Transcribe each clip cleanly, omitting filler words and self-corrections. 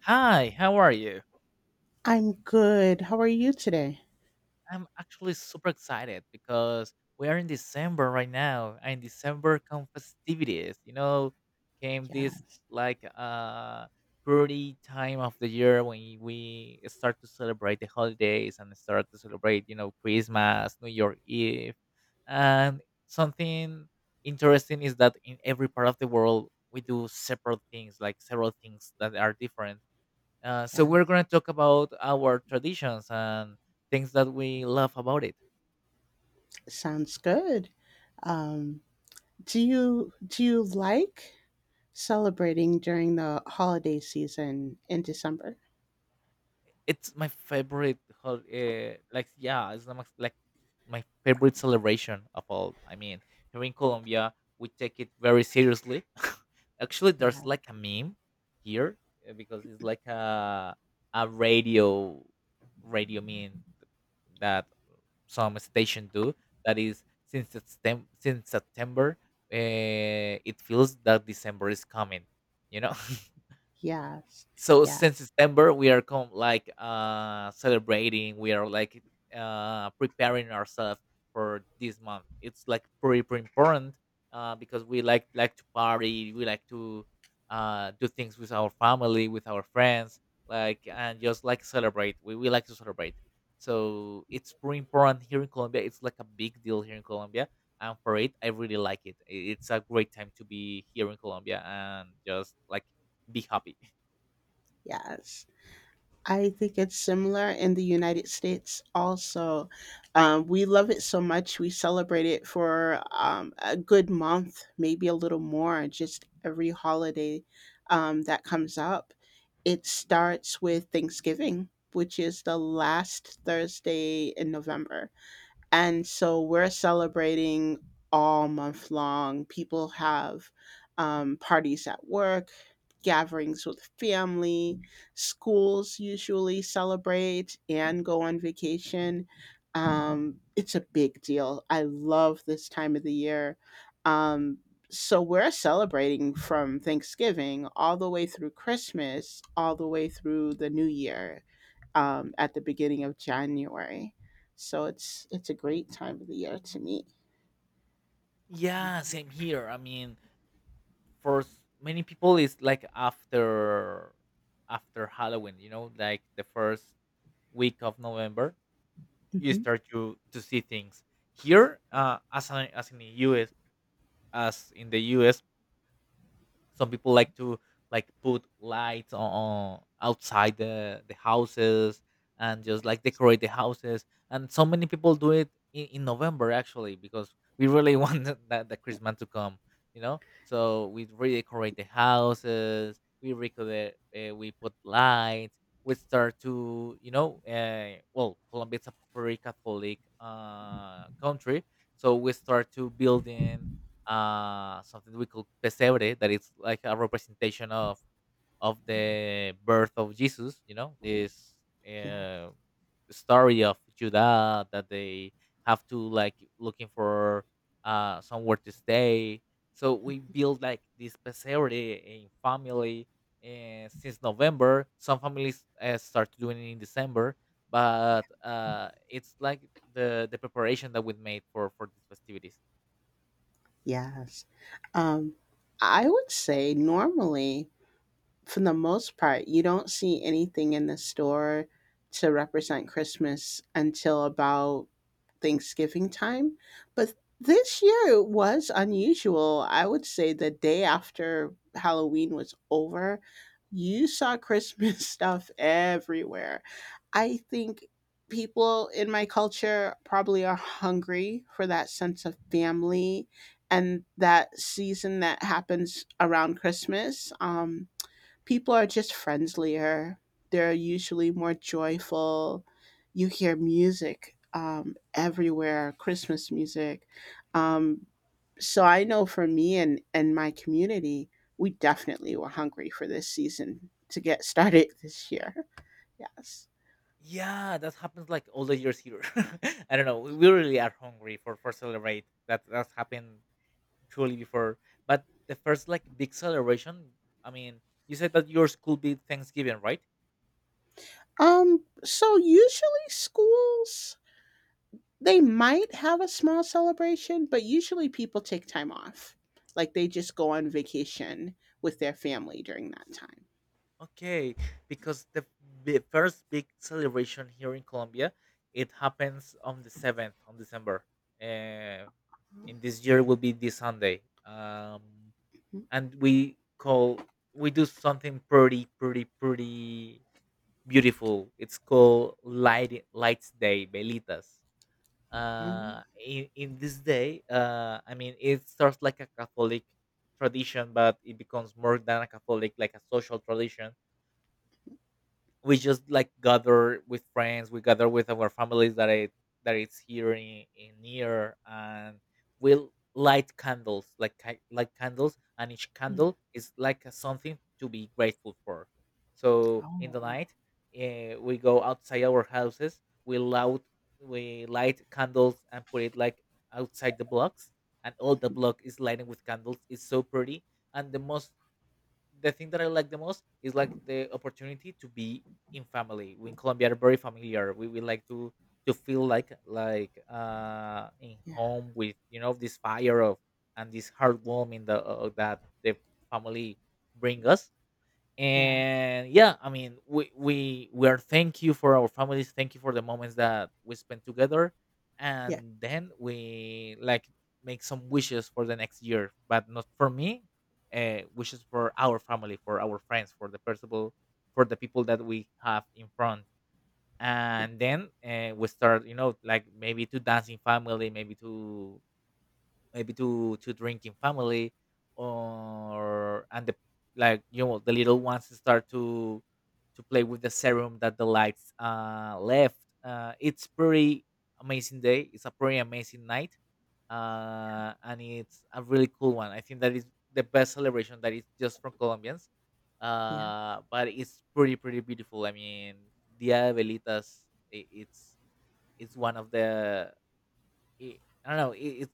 Hi, how are you? I'm good. How are you today? I'm actually super excited because we are in December right now, and December come festivities. You know, came Yeah, this like pretty time of the year when we start to celebrate the holidays and start to celebrate, you know, Christmas, New Year Eve, and something interesting is that in every part of the world we do separate things, like several things that are different. So yeah. we're going to talk about our traditions and things that we love about it. Sounds good. Um, do you like celebrating during the holiday season in December? It's my favorite, yeah, it's not like my favorite celebration of all. I mean, here in Colombia, we take it very seriously. Actually, there's Yeah. like a meme here, because it's like a a radio meme that some stations do. That is, since September, it feels that December is coming. You know. Yes. So Yeah. since December, we are celebrating. We are like preparing ourselves for this month. It's like pretty, pretty important because we like to party. We like to do things with our family, with our friends, like and just like celebrate. We like to celebrate. So it's pretty important here in Colombia. It's like a big deal here in Colombia, and for it, I really like it. It's a great time to be here in Colombia and just like be happy. Yes. I think it's similar in the United States also. We love it so much. We celebrate it for a good month, maybe a little more, just every holiday that comes up. It starts with Thanksgiving, which is the last Thursday in November. And so we're celebrating all month long. People have parties at work, gatherings with family, schools usually celebrate and go on vacation. It's a big deal. I love this time of the year. Um, so we're celebrating from Thanksgiving all the way through Christmas, all the way through the new year at the beginning of January. So it's a great time of the year to meet. Yeah, same here. I mean, for many people, it's like after Halloween. You know, like the first week of November, you Hmm. start to see things. Here, as I, as in the U.S., as in the U.S. Some people like to like put lights on outside the houses and just like decorate the houses. And so many people do it in November actually because we really want that the Christmas to come, you know. So we redecorate the houses. We record, we put lights. We start to, you know, well, Colombia is a very Catholic country, so we start to building something we call pesebre that it's like a representation of the birth of Jesus, you know, this Yeah. uh, story of Judah that they have to like looking for somewhere to stay. So we build like this pesebre in family, and since November some families, start doing it in December, but it's like the preparation that we made for these festivities. Yes. Um, I would say normally for the most part, you don't see anything in the store to represent Christmas until about Thanksgiving time. But this year it was unusual. I would say the day after Halloween was over, you saw Christmas stuff everywhere. I think people in my culture probably are hungry for that sense of family and that season that happens around Christmas. People are just friendlier. They're usually more joyful. You hear music everywhere, Christmas music. Um, so I know for me and my community, we definitely were hungry for this season to get started this year. Yes. Yeah, that happens like all the years here. I don't know. We really are hungry for celebrate. That's happened truly before. But the first like big celebration. I mean, you said that yours could be Thanksgiving, right? So usually schools, they might have a small celebration, but usually people take time off. Like they just go on vacation with their family during that time. Okay, because the first big celebration here in Colombia, it happens on the seventh on December. Uh, in this year will be this Sunday. And we call we do something pretty, pretty, pretty beautiful. It's called Light Lights Day Velitas. In this day, I mean, it starts like a Catholic tradition, but it becomes more than a Catholic, like a social tradition. We just like gather with friends, we gather with our families that it that it's here in near, and we'll light candles like light candles, and each Mm. candle is like a something to be grateful for. So in the Oh, night, we go outside our houses, we loud, we light candles and put it like outside the blocks, and all the block is lighting with candles. It's so pretty. And the most the thing that I like the most is like the opportunity to be in family. We in Colombia are very familiar. We like to feel like in yeah, home with, you know, this fire of and this heartwarming the, that the family bring us. yeah, And yeah, I mean, we are thank you for our families, thank you for the moments that we spent together, yeah, and then we like make some wishes for the next year, but not for me. Wishes for our family, for our friends, for the people, that we have in front. yeah, And then, we start, you know, like maybe to dance in family, maybe to drinking family or and the, like, you know, the little ones start to play with the serum that the lights left. It's pretty amazing day, it's a pretty amazing night. And it's a really cool one. I think that is the best celebration that is just for Colombians. yeah, But it's pretty, pretty beautiful. I mean, dia de velitas, i- it's it's one of the it, I don't know. It's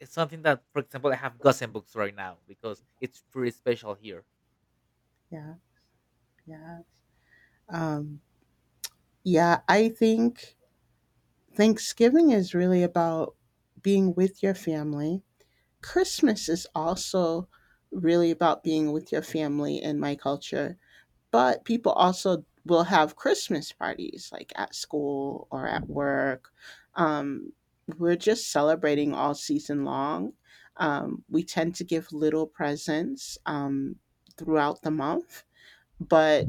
it's something that, for example, I have Gossen books right now because it's pretty special here. yeah, yeah. Um, yeah, I think Thanksgiving is really about being with your family. Christmas is also really about being with your family in my culture. But people also will have Christmas parties, like at school or at work. Um, we're just celebrating all season long. We tend to give little presents throughout the month, but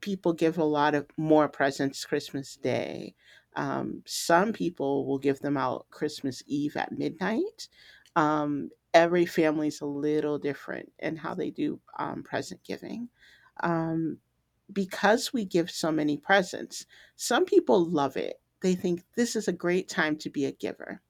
people give a lot of more presents Christmas Day. Some people will give them out Christmas Eve at midnight. Every family's a little different in how they do present giving. Um, because we give so many presents, some people love it. They think this is a great time to be a giver.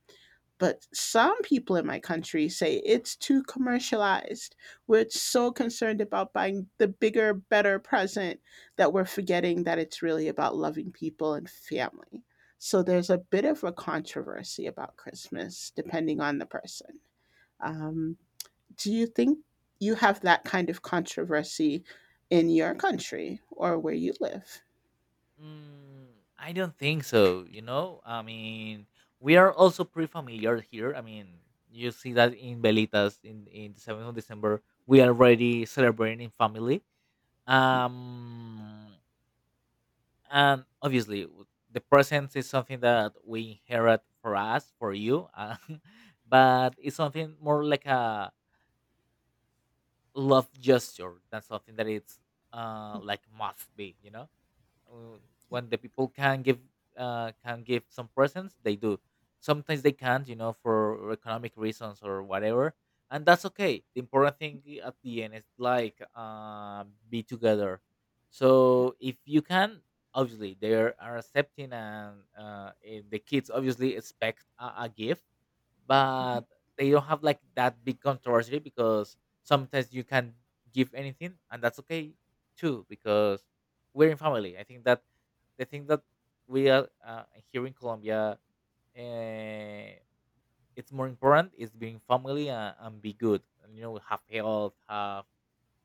But some people in my country say it's too commercialized. We're so concerned about buying the bigger, better present that we're forgetting that it's really about loving people and family. So there's a bit of a controversy about Christmas, depending on the person. Um, do you think you have that kind of controversy in your country or where you live? Mm, I don't think so. You know, I mean, we are also pretty familiar here. I mean, you see that in Velitas in the 7th of December, we are already celebrating in family. Um, and obviously, the presents is something that we inherit for us, for you, but it's something more like a love gesture than something that it's like must be, you know. When the people can give some presents they do. Sometimes they can't, you know, for economic reasons or whatever, and that's okay. The important thing at the end is like be together. So if you can obviously they are accepting. And uh, the kids obviously expect a gift, Hmm. but they don't have like that big controversy because sometimes you can give anything, and that's okay too because we're in family. I think that the thing that we are, here in Colombia, uh, it's more important is being family and be good, and, you know, have health, have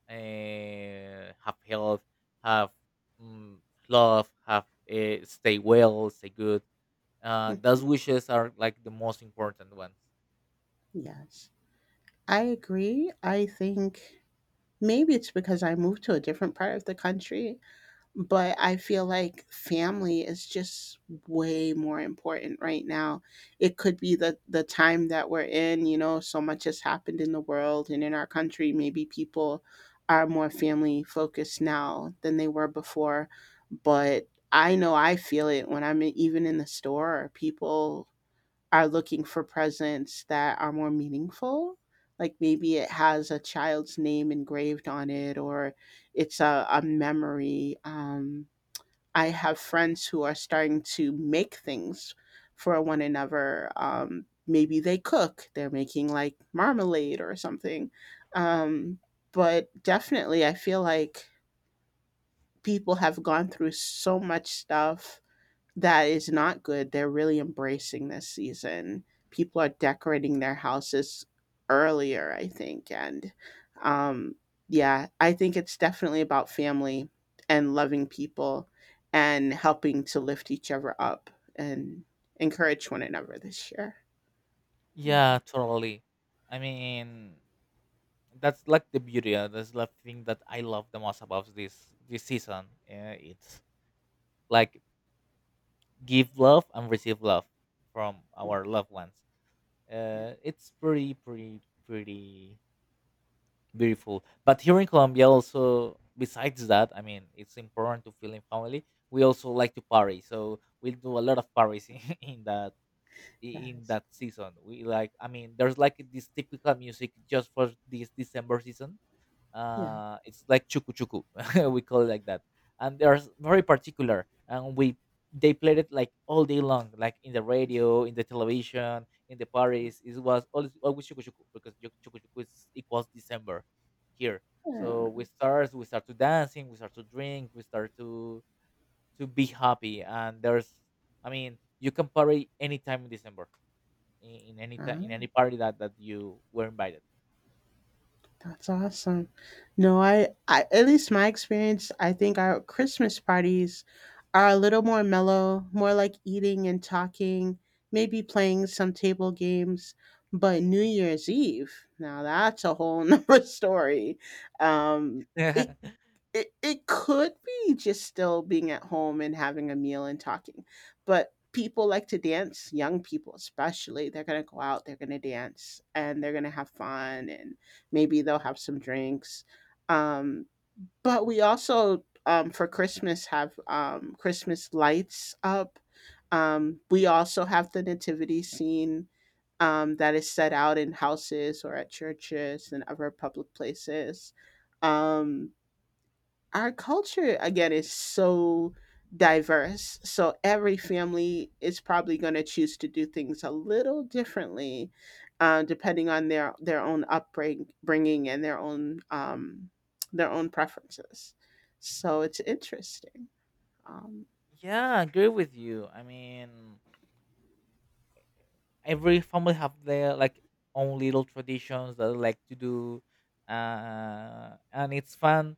uh, have health have mm, love, have, stay well, stay good. Those wishes are like the most important ones. Yes, I agree. I think maybe it's because I moved to a different part of the country, but I feel like family is just way more important right now. It could be the time that we're in. So much has happened in the world and in our country. Maybe people are more family focused now than they were before, but I know I feel it when even in the store. People are looking for presents that are more meaningful. Like maybe it has a child's name engraved on it, or it's a memory. I have friends who are starting to make things for one another. Maybe they cook, they're making like marmalade or something. Um, but definitely, I feel like people have gone through so much stuff that is not good. They're really embracing this season. People are decorating their houses earlier, I think. And um, yeah, I think it's definitely about family and loving people and helping to lift each other up and encourage one another this year. Yeah, Yeah, totally. I mean, that's like the beauty. That's the thing that I love the most about this season. It's like give love and receive love from yeah, our loved ones. yeah. It's pretty, pretty, pretty beautiful. But here in Colombia, also besides that, I mean, it's important to feel in family. We also like to party, so we do a lot of parties in that That in is, that season. We like, I mean, there's like this typical music just for this December season. yeah. It's like chuku chuku, we call it like that, and they're very particular, and we they played it like all day long, like in the radio, in the television, in the parties. It was always chuku chuku because chuku chuku is equals December here. So we start to dancing, we start to drink, we start to be happy. And there's, I mean, you can party anytime in December in, in any in Uh, any party that you were invited. That's awesome. No, I at least my experience, I think our Christmas parties are a little more mellow, more like eating and talking, maybe playing some table games. But New Year's Eve, now that's a whole nother story. Um, it Yeah, it could be just still being at home and having a meal and talking, but people like to dance. Young people especially, they're going to go out, they're going to dance, and they're going to have fun, and maybe they'll have some drinks. um but we also, for Christmas, have Christmas lights up. We also have the nativity scene that is set out in houses or at churches and other public places. Um, our culture again is so diverse, so every family is probably going to choose to do things a little differently, depending on their own upbringing and their own preferences, so it's interesting. um, I agree with you. I mean, every family have their like own little traditions that they like to do, and it's fun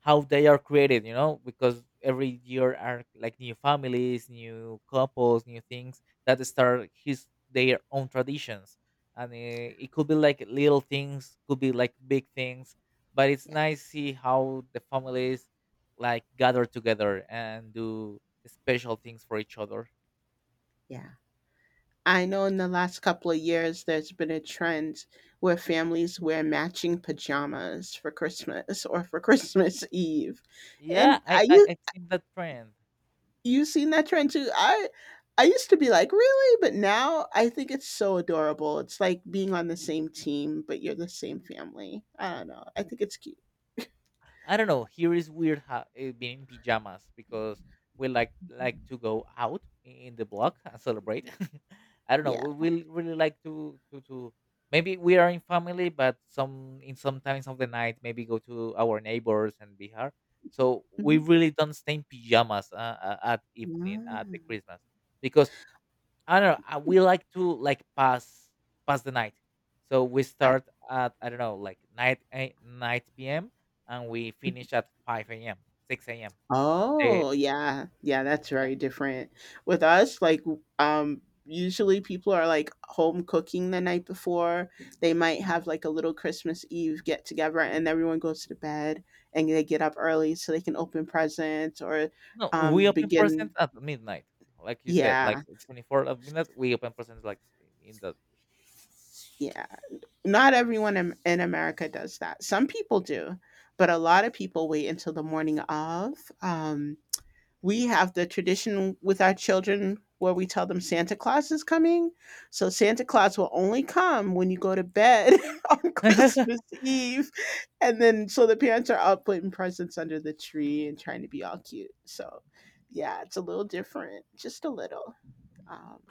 how they are created, you know, because every year are like new families, new couples, new things that start his their own traditions. And it could be like little things, could be like big things, but it's Yeah. nice see how the families like gather together and do special things for each other. Yeah. I know in the last couple of years there's been a trend where families wear matching pajamas for Christmas or for Christmas Eve, Yeah, and I I think that trend you've seen that trend too? I used to be like, "Really?" But now I think it's so adorable. It's like being on the same team, but you're the same family. I don't know. I think it's cute. I don't know. Here is weird being in pajamas because we like to go out in the block and celebrate. I don't know. Yeah. We will really like to maybe we are in family, but some in some times of the night maybe go to our neighbors and be Bihar. So we Mhm. really don't stay in pajamas at evening at the Mm. Christmas because I don't know. We like to like pass the night, so we I start at I don't know like night eight, night p.m. and we finish at five a.m. six a.m. They- Oh, yeah. Yeah, that's yeah. very different. With us, like, w usually people are, like, home cooking the night before. They might have, like, a little Christmas Eve get together, and everyone goes to bed, and they get up early so they can open presents, or No, we open begin. presents at midnight, like you said, like Yeah, 24 at midnight. We open presents like in the yeah. Not everyone in America does that. Some people do, but a lot of people wait until the morning of. Um, we have the tradition with our children where we tell them Santa Claus is coming. So Santa Claus will only come when you go to bed on Christmas Eve. And then so the parents are up putting presents under the tree and trying to be all cute. So yeah, it's a little different, just a little. Um,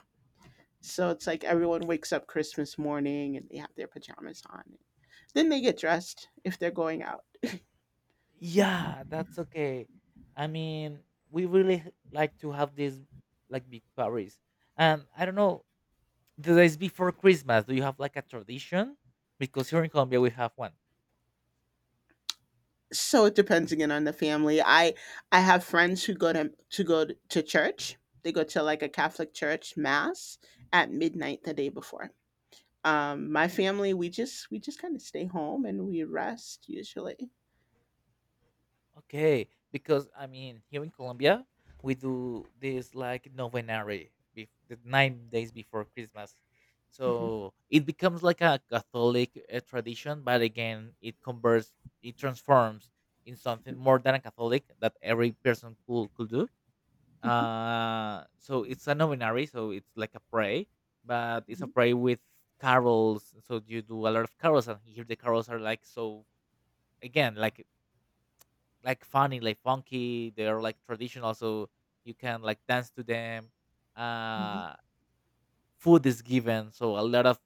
So it's like everyone wakes up Christmas morning and they have their pajamas on. Then they get dressed if they're going out. Yeah. yeah, that's okay. I mean, we really like to have these like big parties, and I don't know. The days before Christmas, do you have like a tradition? Because here in Colombia we have one. So it depends again on the family. I have friends who go to church. They go to like a Catholic church mass at midnight the day before. My family, we just kind of stay home and we rest usually. Okay, because I mean here in Colombia we do this like novenary, the 9 days before Christmas. Hmm. So it becomes like a Catholic tradition, but again it converts, it transforms in something more than a Catholic that every person could do. So it's a novenary, so it's like a prey, but it's a Hmm. prey with carols, so you do a lot of carols, and here the carols are like, so again, like funny, like funky, they're like traditional, so you can like dance to them. Hmm. uh Food is given, so a lot of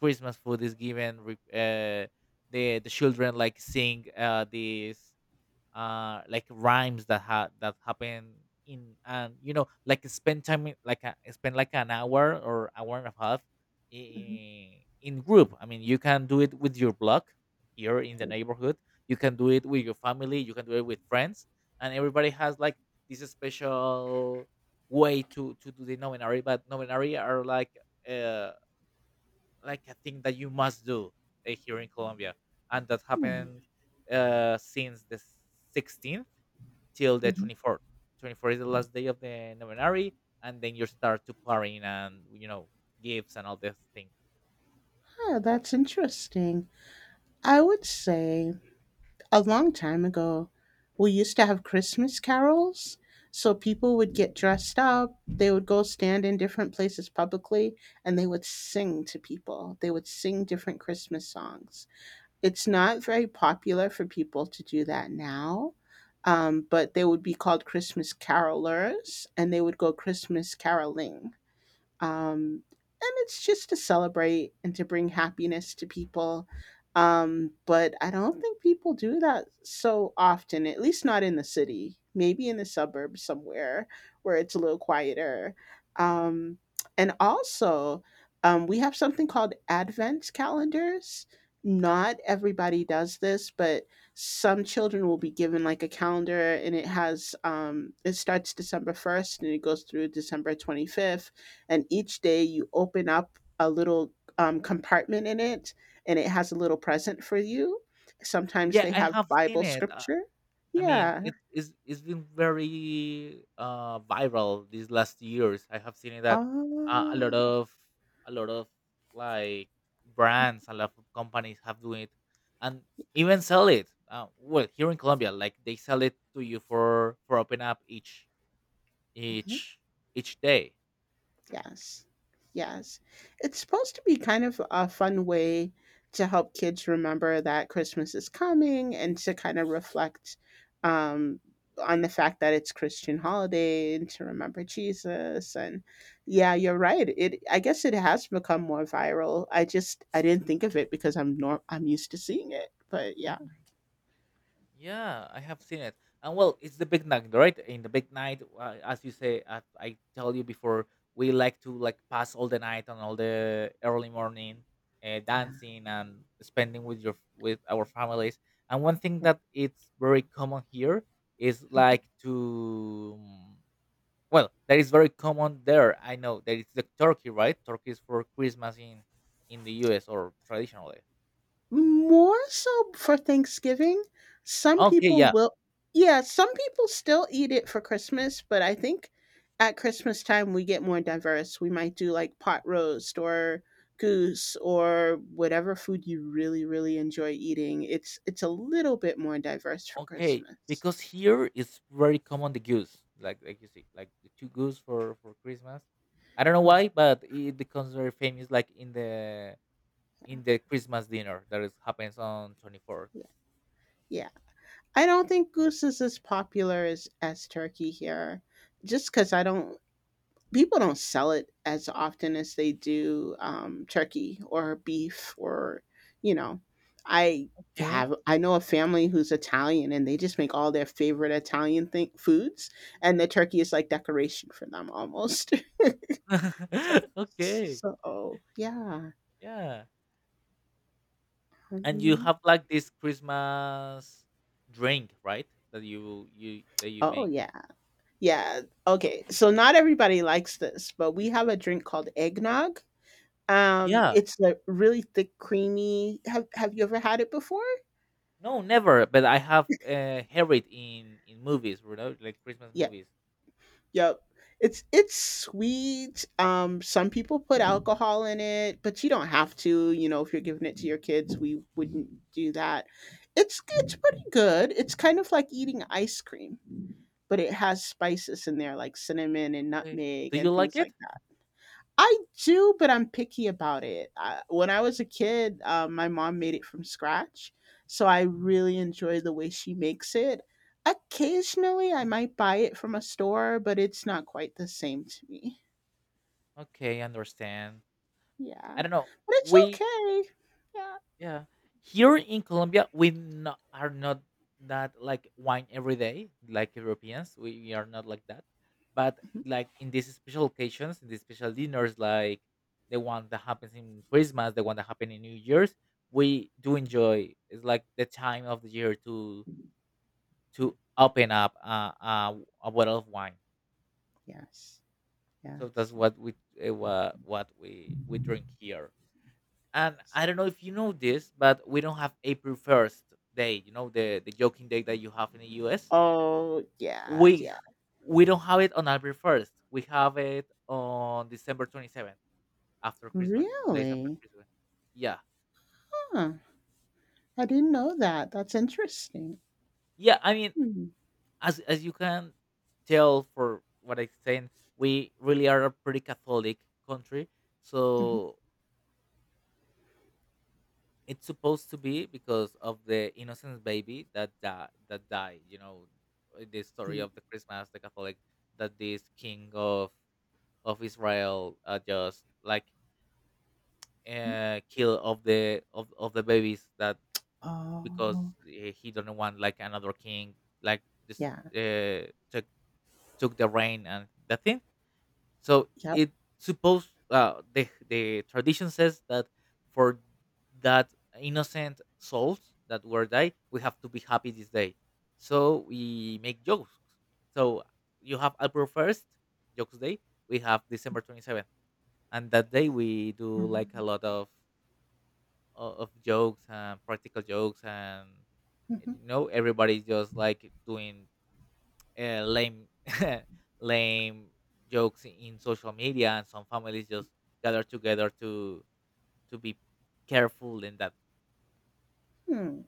Christmas food is given the children like sing these like rhymes that that happen in, and you know, like spend time like a, spend like an hour or hour and a half in, in group. I mean, you can do it with your block here in the neighborhood, you can do it with your family, you can do it with friends, and everybody has like this special way to do the novenary. But novenary are like, uh like a thing that you must do, here in Colombia, and that Hmm. happened since the 16th till the Hmm. 24th. 24 is the last day of the novenary, and then you start to partying, and you know, gifts and all this thing. Oh, that's interesting. I would say a long time ago, we used to have Christmas carols. So people would get dressed up, they would go stand in different places publicly, and they would sing to people. They would sing different Christmas songs. It's not very popular for people to do that now, but they would be called Christmas carolers and they would go Christmas caroling. Um, and it's just to celebrate and to bring happiness to people. But I don't think people do that so often, at least not in the city, maybe in the suburbs somewhere where it's a little quieter. Um, and also, we have something called Advent calendars. Not everybody does this, but some children will be given like a calendar, and it has, it starts December 1st and it goes through December 25th. And each day you open up a little compartment in it, and it has a little present for you. Sometimes Yeah, they I have have seen Bible it. Scripture. I mean, Yeah. it is, it's been very viral these last years. I have seen it that uh, a lot Oh. of a lot of like brands, a lot of companies have doing it, and even sell it. Well, here in Colombia, like they sell it to you for open up each each day. Yes. Yes. It's supposed to be kind of a fun way to help kids remember that Christmas is coming and to kind of reflect um, on the fact that it's Christian holiday and to remember Jesus. And yeah, you're right. It I guess it has become more viral. I didn't think of it because I'm nor- I'm used to seeing it. But yeah. Yeah, I have seen it. And well, it's the big night, right? In the big night, as you say, as I tell you before, we like to like pass all the night and all the early morning, Yeah. dancing and spending with your with our families. And one thing that it's very common here is like to well, that is very common there. I know that it's the turkey, right? Turkey is for Christmas in the U.S., or traditionally. More so for Thanksgiving. Some Okay, people yeah. will Yeah, some people still eat it for Christmas, but I think at Christmas time we get more diverse. We might do like pot roast or goose or whatever food you really, really enjoy eating. It's a little bit more diverse for Okay, Christmas. because here it's very common the goose, like you see, like the two goose for Christmas. I don't know Yeah. why, but it becomes very famous, like in the Christmas dinner that is happens on 24th. Yeah. Yeah. I don't think goose is as popular as turkey here, just cuz I don't people don't sell it as often as they do turkey or beef or you know i Okay. I know a family who's Italian and they just make all their favorite Italian thing foods, and the turkey is like decoration for them almost. So Okay, yeah. yeah, and you Mhm. have like this Christmas drink, right? That you that you Oh make. yeah, yeah, okay, so not everybody likes this, but we have a drink called eggnog. Yeah, It's a really thick, creamy. Have you ever had it before? no, never. But I have heard it in movies, you know, like Christmas Yeah. movies. Yep. It's sweet. Some people put alcohol in it, but you don't have to, if you're giving it to your kids, we wouldn't do that. It's pretty good. It's kind of like eating ice cream, but it has spices in there like cinnamon and Okay. nutmeg Do you and like things it? like. I do, but I'm picky about it. When I was a kid, my mom made it from scratch, so I really enjoy the way she makes it. Occasionally, I might buy it from a store, but it's not quite the same to me. Okay, I understand. Yeah, I don't know. but it's We, okay. Yeah. yeah. Here in Colombia, we not, are not that like wine every day, like Europeans. We are not like that. But Mhm. like in these special occasions, in these special dinners, like the one that happens in Christmas, the one that happens in New Year's, we do enjoy. It's like the time of the year to open up a bottle of wine. Yes. So that's Yes. what we, uh, what we drink here. And Yes. I don't know if you know this, but we don't have April 1st Day. You know, the joking day that you have in the U.S. Oh, yeah. We, Yeah. Don't have it on April 1st. We have it on December 27th, after Christmas. 2 days after Really? Christmas. Yeah, Huh. I didn't know that. That's interesting. yeah. I mean, Mm-hmm. as you can tell for what I'm saying, we really are a pretty Catholic country. Hmm. So it's supposed to be because of the innocent baby that that died. You know, the story Mhm. of the Christmas, the Catholic, that this king of Israel just like Mhm. Kill of the of the babies that, because Oh, he do not want like another king like this yeah. took the reign and the thing, so Yep. it supposed, the tradition says that for that innocent souls that were died, we have to be happy this day. So we make jokes. So you have April 1st, Jokes Day. We have December 27th, and that day we do like a lot of of jokes and practical jokes, and Mhm. you know, everybody's just like doing lame lame jokes in social media, and some families just gather together to be careful in that. Hmm,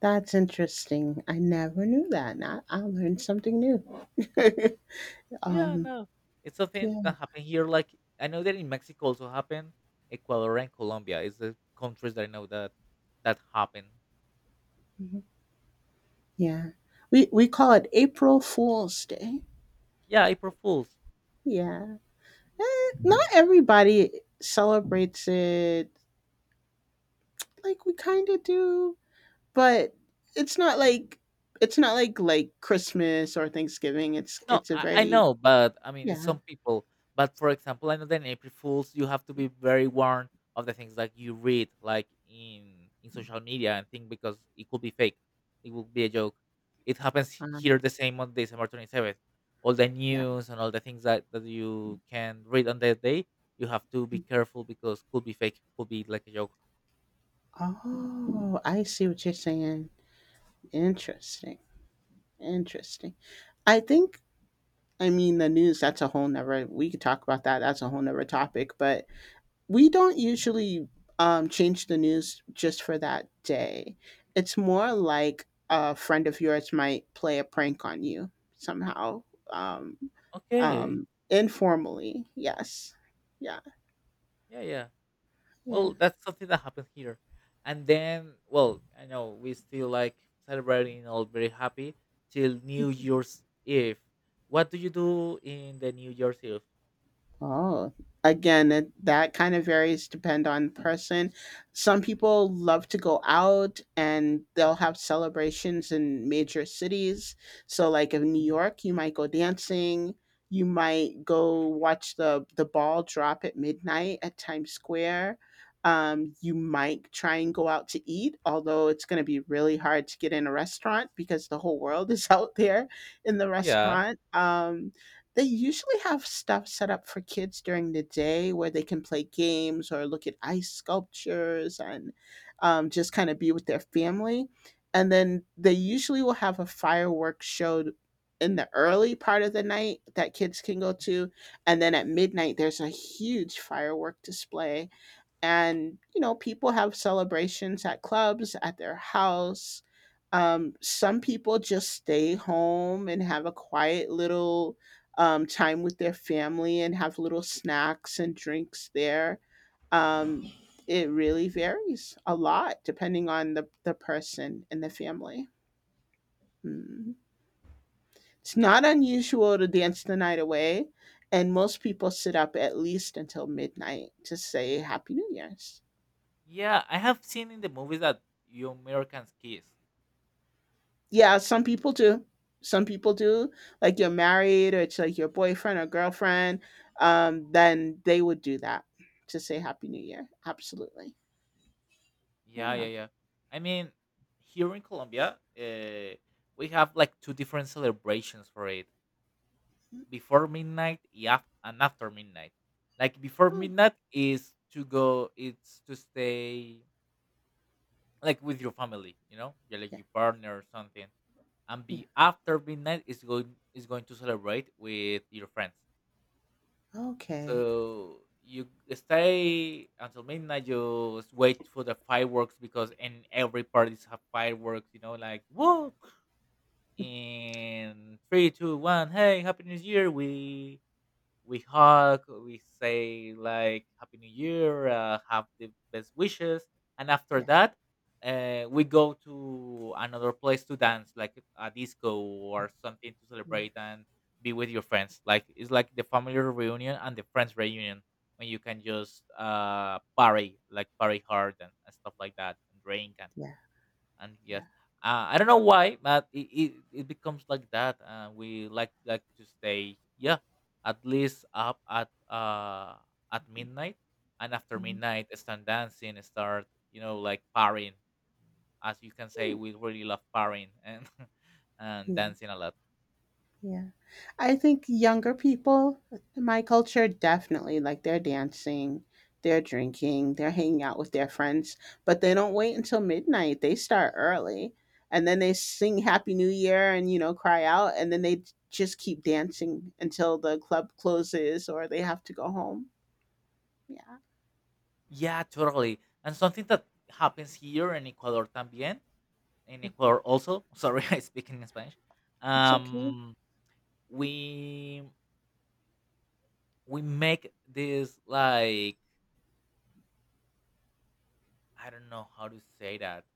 that's interesting. I never knew that. I learned something new. Yeah, um, no, it's something yeah, that happened here. Like, I know that in Mexico also happened, Ecuador and Colombia is the countries that I know that happened. mhm, yeah. We call it April Fool's Day. Yeah, April Fools. Yeah. Eh, not everybody celebrates it like we kind of do, but it's not like it's not like Christmas or Thanksgiving. It's No, it's a I very know, but I mean, it's yeah. some people. But for example, I know that in April Fools, you have to be very warned of the things that you read, like in social media and things, because it could be fake. It would be a joke. It happens um, here the same on December 27th. All the yeah. news and all the things that you can read on that day, you have to be careful because could be fake, could be like a joke. Oh, I see what you're saying. Interesting, interesting. I think I mean, the news, that's a whole nother, we could talk about that. That's a whole nother topic. But we don't usually change the news just for that day. It's more like a friend of yours might play a prank on you somehow, um, Okay, informally. Yes. Yeah. yeah, yeah. Yeah. Well, that's something that happened here. And then, well, I know we still like celebrating all very happy till New Year's Eve. What do you do in the New Year's Eve? Oh, again, it, that kind of varies depend on the person. Some people love to go out and they'll have celebrations in major cities. So like in New York, you might go dancing, you might go watch the ball drop at midnight at Times Square. You might try and go out to eat, although it's going to be really hard to get in a restaurant because the whole world is out there in the Yeah. restaurant. They usually have stuff set up for kids during the day where they can play games or look at ice sculptures and just kind of be with their family. And then they usually will have a fireworks show in the early part of the night that kids can go to. And then at midnight, there's a huge firework display, and you know people have celebrations at clubs at their house. Some people just stay home and have a quiet little time with their family and have little snacks and drinks there. um, it really varies a lot depending on the person and the family. Mm. It's not unusual to dance the night away, and most people sit up at least until midnight to say happy new year's. Yeah, I have seen in the movies that you Americans kiss. Yeah, some people do. Some people do. Like you're married or it's like your boyfriend or girlfriend, then they would do that to say Happy New Year. Absolutely. Yeah, Yeah. yeah, yeah. I mean, here in Colombia, we have like two different celebrations for it: Mm. before midnight, yeah, and after midnight. Like, before Oh, midnight is to go, it's to stay like with your family, you know, you're like yeah. your partner or something. And Yeah. be after midnight is going, is going to celebrate with your friends. Okay. So you stay until midnight. You wait for the fireworks, because in every parties have fireworks. You know, like whoa, in 3, 2, 1. Hey, happy New Year! We hug, we say like Happy New Year, have the best wishes, and after Yeah. that, we go to another place to dance, like a disco or something, to Yeah. celebrate and be with your friends. Like, it's like the family reunion and the friends reunion, when you can just party, like party hard and stuff like that, and drink, Yeah. and yes. Yeah. I don't know why, but it becomes like that. We like to stay, yeah, at least up at midnight, and after Mhm. midnight start dancing, start, you know, like partying. As you can say, Mm. we really love partying and and Yeah. dancing a lot. Yeah. I think younger people in my culture definitely like they're dancing, they're drinking, they're hanging out with their friends, but they don't wait until midnight. They start early and then they sing happy new year and you know cry out and then they just keep dancing until the club closes or they have to go home. Yeah. Yeah, totally. And something that happens here in Ecuador también, in Ecuador also. Sorry, I speak in Spanish. It's okay. um we make these like, I don't know how to say that,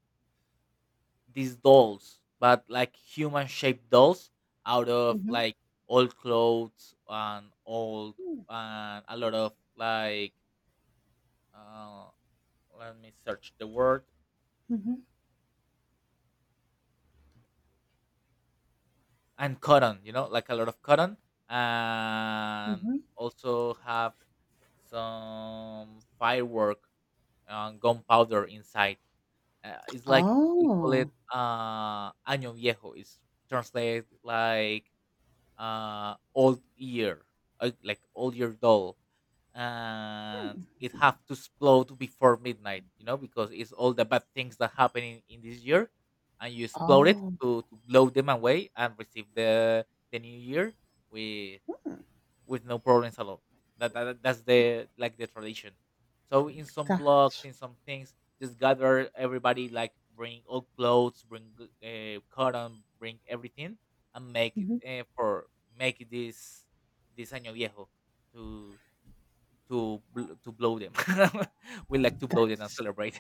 these dolls, but like human shaped dolls out of Mhm. like old clothes and old and a lot of like, uh, let me search the word, Mhm. and cotton, you know, like a lot of cotton, and Mhm. also have some firework and gunpowder inside. It's like we call Oh. it año viejo. It's translated like old year, like old year doll, and it have to explode before midnight. You know, because it's all the bad things that happen in this year, and you explode it Oh. To blow them away and receive the new year with no problems at all. That, that's the like the tradition. So in some blocks, That's in some things, just gather everybody, like bring old clothes, bring cotton, bring everything, and make it, mhm. For make this año viejo to to blow them. We like to blow them and that's celebrate.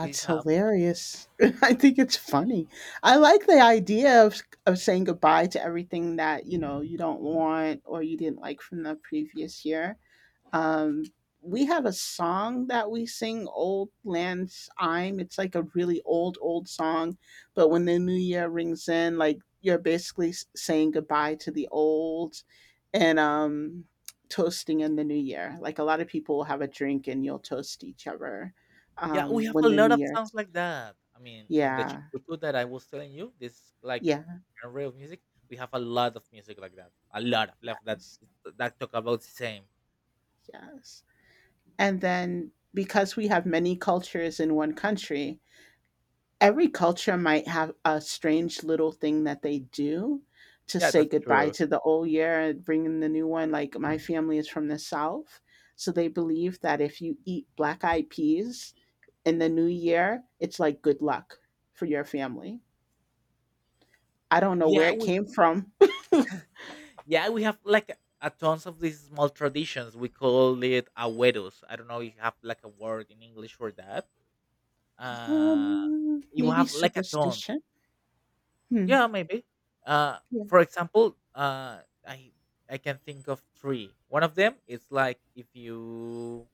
It have. hilarious. I think it's funny. I like the idea of saying goodbye to everything that, you know, you don't want or you didn't like from the previous year. Um, we have a song that we sing, Old Land's Syme. It's like a really old, old song. But when the new year rings in, like you're basically saying goodbye to the old and toasting in the new year. Like a lot of people will have a drink and you'll toast each other Yeah, we have when a the lot new of year. songs like that. I mean, in the Yeah. Chucutuco that I was telling you, this like Yeah. genre of music, we have a lot of music like that. A lot of love that Yes. Talk about the same. Yes. And then because we have many cultures in one country, every culture might have a strange little thing that they do to Yeah, say that's goodbye true. to the old year and bring in the new one. Like my family is from the South, so they believe that if you eat black eyed peas in the new year, it's like good luck for your family. I don't know Yeah, where it we came from. yeah, we have like a tons of these small traditions. We call it agüeros. I don't know if you have like a word in English for that. Uh, you Maybe have like a ton. superstition. Hmm. Yeah, maybe. Uh, Yeah. for example, I I can think of three. One of them is like if you,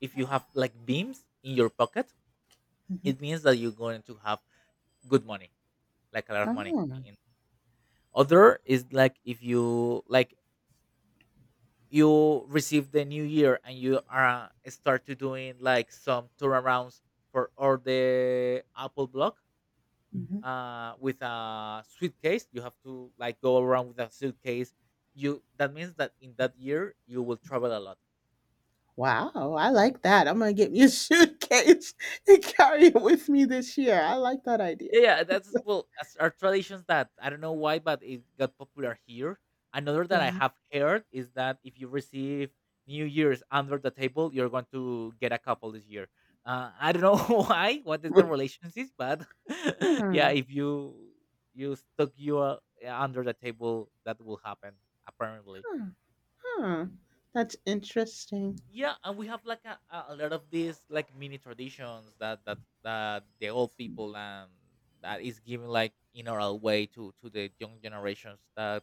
if you have like beams in your pocket, Hmm. it means that you're going to have good money, like a lot of money. Oh. And other is like if you like, you receive the new year and you are start to doing like some turnarounds for all the Apple block, Mhm. With a suitcase. You have to like go around with a suitcase. You, that means that in that year you will travel a lot. Wow, I like that. I'm gonna get me a suitcase and carry it with me this year. I like that idea. Yeah, yeah, that's, well, that's our traditions that I don't know why, but it got popular here. Another that I Yeah. have heard is that if you receive New Year's under the table, you're going to get a couple this year. I don't know why, what is the relationship, but yeah, Hmm. if you, you stuck you under the table, that will happen apparently. Huh. Huh. That's interesting. Yeah, and we have like a lot of these like mini traditions that the old people that is given like in oral way to the young generations that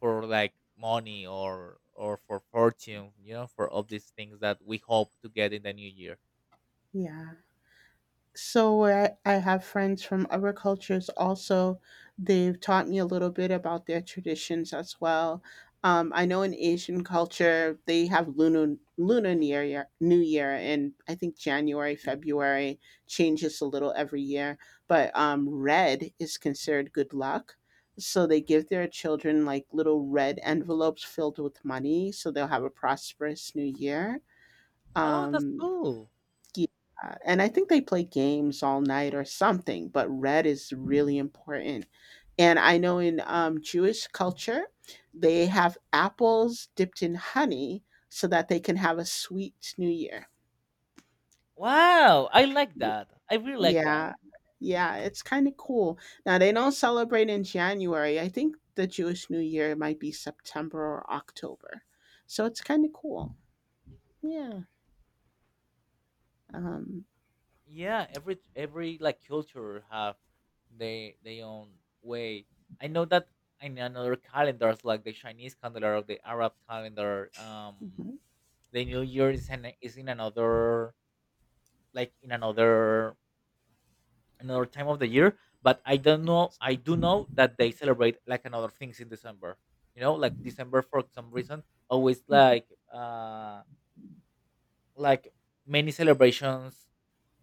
for like money or for fortune, you know, for all these things that we hope to get in the new year. Yeah. So I have friends from other cultures also. They've taught me a little bit about their traditions as well. I know in Asian culture they have lunar New Year, and I think January February changes a little every year. But red is considered good luck, so they give their children like little red envelopes filled with money, so they'll have a prosperous New Year. Oh, that's Um, cool. yeah, and I think they play games all night or something, but red is really important. And I know in Jewish culture, they have apples dipped in honey so that they can have a sweet New Year. Wow, I like that. I really like that. Yeah, yeah, it's kind of cool. Now, they don't celebrate in January. I think the Jewish New Year might be September or October. So it's kind of cool. Yeah. Um, Yeah, every like culture have they own way. I know that in another calendars like the Chinese calendar or the Arab calendar, mhm, the new year is in another, like in another, another time of the year. But I don't know, I do know that they celebrate like another things in December. You know, like December for some reason always mhm, uh like many celebrations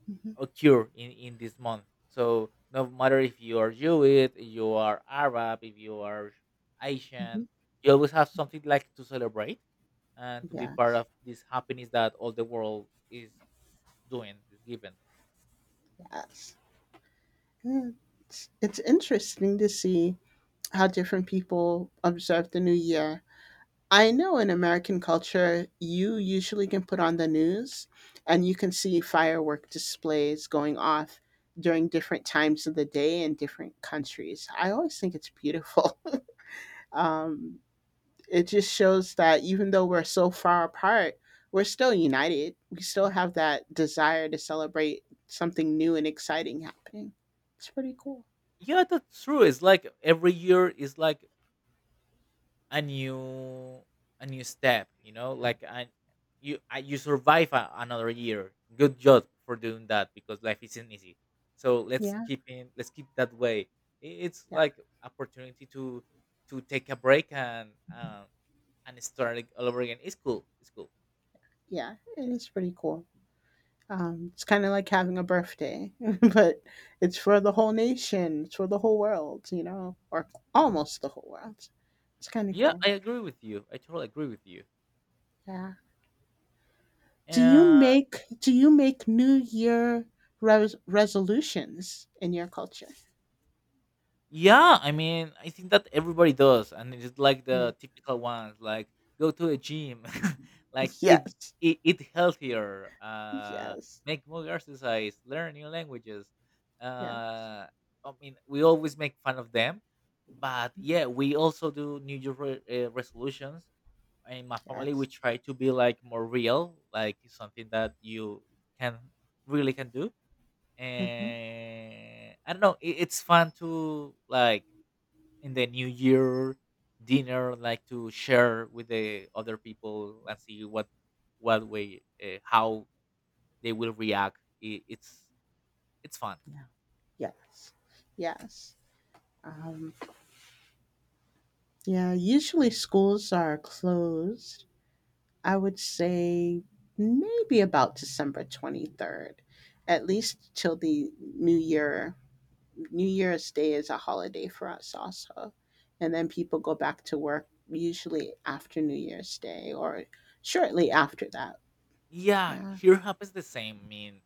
mhm, occur in this month. So no matter if you are Jewish, you are Arab, if you are mhm. Asian, you always have something like to celebrate and to be part Yes, of this happiness that all the world is doing, is given. yes. Yeah. It's interesting to see how different people observe the new year. I know in American culture, you usually can put on the news and you can see firework displays going off during different times of the day in different countries. I always think it's beautiful. Um, it just shows that even though we're so far apart, we're still united. We still have that desire to celebrate something new and exciting happening. It's pretty cool. Yeah, that's true. It's like every year is like a new a new step, you know, like you survive another year. Good job for doing that, because life isn't easy, so Yeah. Let's keep that way. It's like opportunity to take a break and start all over again. It's cool, it's cool. Yeah, and it's pretty cool. It's kind of like having a birthday, but it's for the whole nation. It's for the whole world, you know, or almost the whole world. It's kind of Yeah, cool. I agree with you, I totally agree with you. Yeah. Do you make New Year resolutions in your culture? Yeah, I mean, I think that everybody does, and it's like Yeah. the typical ones, like go to a gym, like Yes. Eat healthier, Yes. make more exercise, learn new languages. Yes. Uh, I mean, we always make fun of them, but yeah, we also do New Year resolutions. In my family, Yes. we try to be like more real, like something that you can really can do. Mm-hmm. And I don't know, it's fun to like in the new year dinner, like to share with the other people and see what way how they will react. I- it's it's fun. Yeah. Yes. Yes. Um, yeah. Usually schools are closed, I would say maybe about December 23rd, at least till the new year. New Year's Day is a holiday for us also. And then people go back to work usually after New Year's Day or shortly after that. Yeah, Yeah. here happens the same, I mean,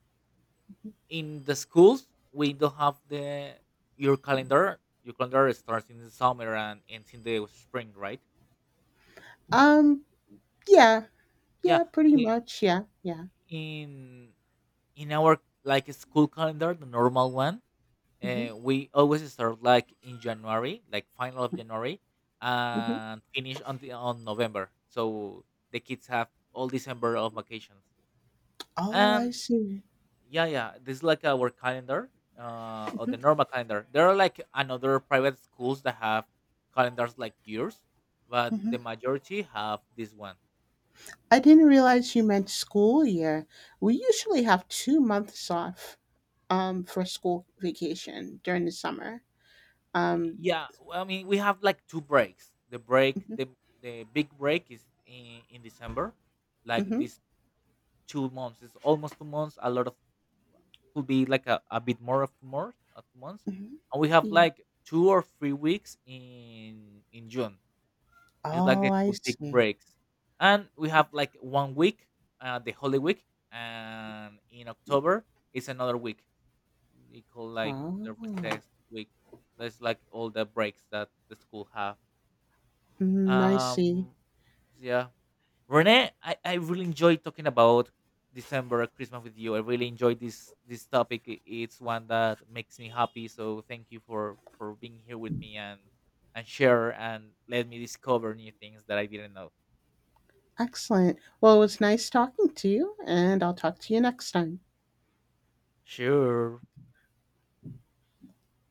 in the schools we don't have the— your calendar starts in the summer and ends in the spring, right? Um, yeah. Yeah. Yeah, pretty i- much. Yeah. Yeah. in in our like school calendar, the normal one, Hmm. we always start like in January, like final of January, Hmm. and finish on the, on November. So the kids have all December of vacations. Oh, I And see. yeah, yeah, this is like our calendar, or the normal calendar. There are like another private schools that have calendars like yours, but the Hmm. majority have this one. I didn't realize you meant school year. We usually have 2 months off for school vacation during the summer. Um, Yeah, well, I mean, we have like two breaks. Mhm, The big break is in December, like mhm, this 2 months. It's almost 2 months. A lot of could be like a bit more of two more 2 months, mhm. and we have Yeah. like 2 or 3 weeks in June. It's like Oh, the I two big see. breaks, and we have like 1 week, the Holy Week, and in October it's another week. We call like Oh, the recess week. That's like all the breaks that the school have. mm, I see. Um, yeah, Renee, I really enjoy talking about December Christmas with you. I really enjoyed this topic. It's one that makes me happy. So thank you for being here with me and share and let me discover new things that I didn't know. Excellent. Well, it was nice talking to you, and I'll talk to you next time. Sure.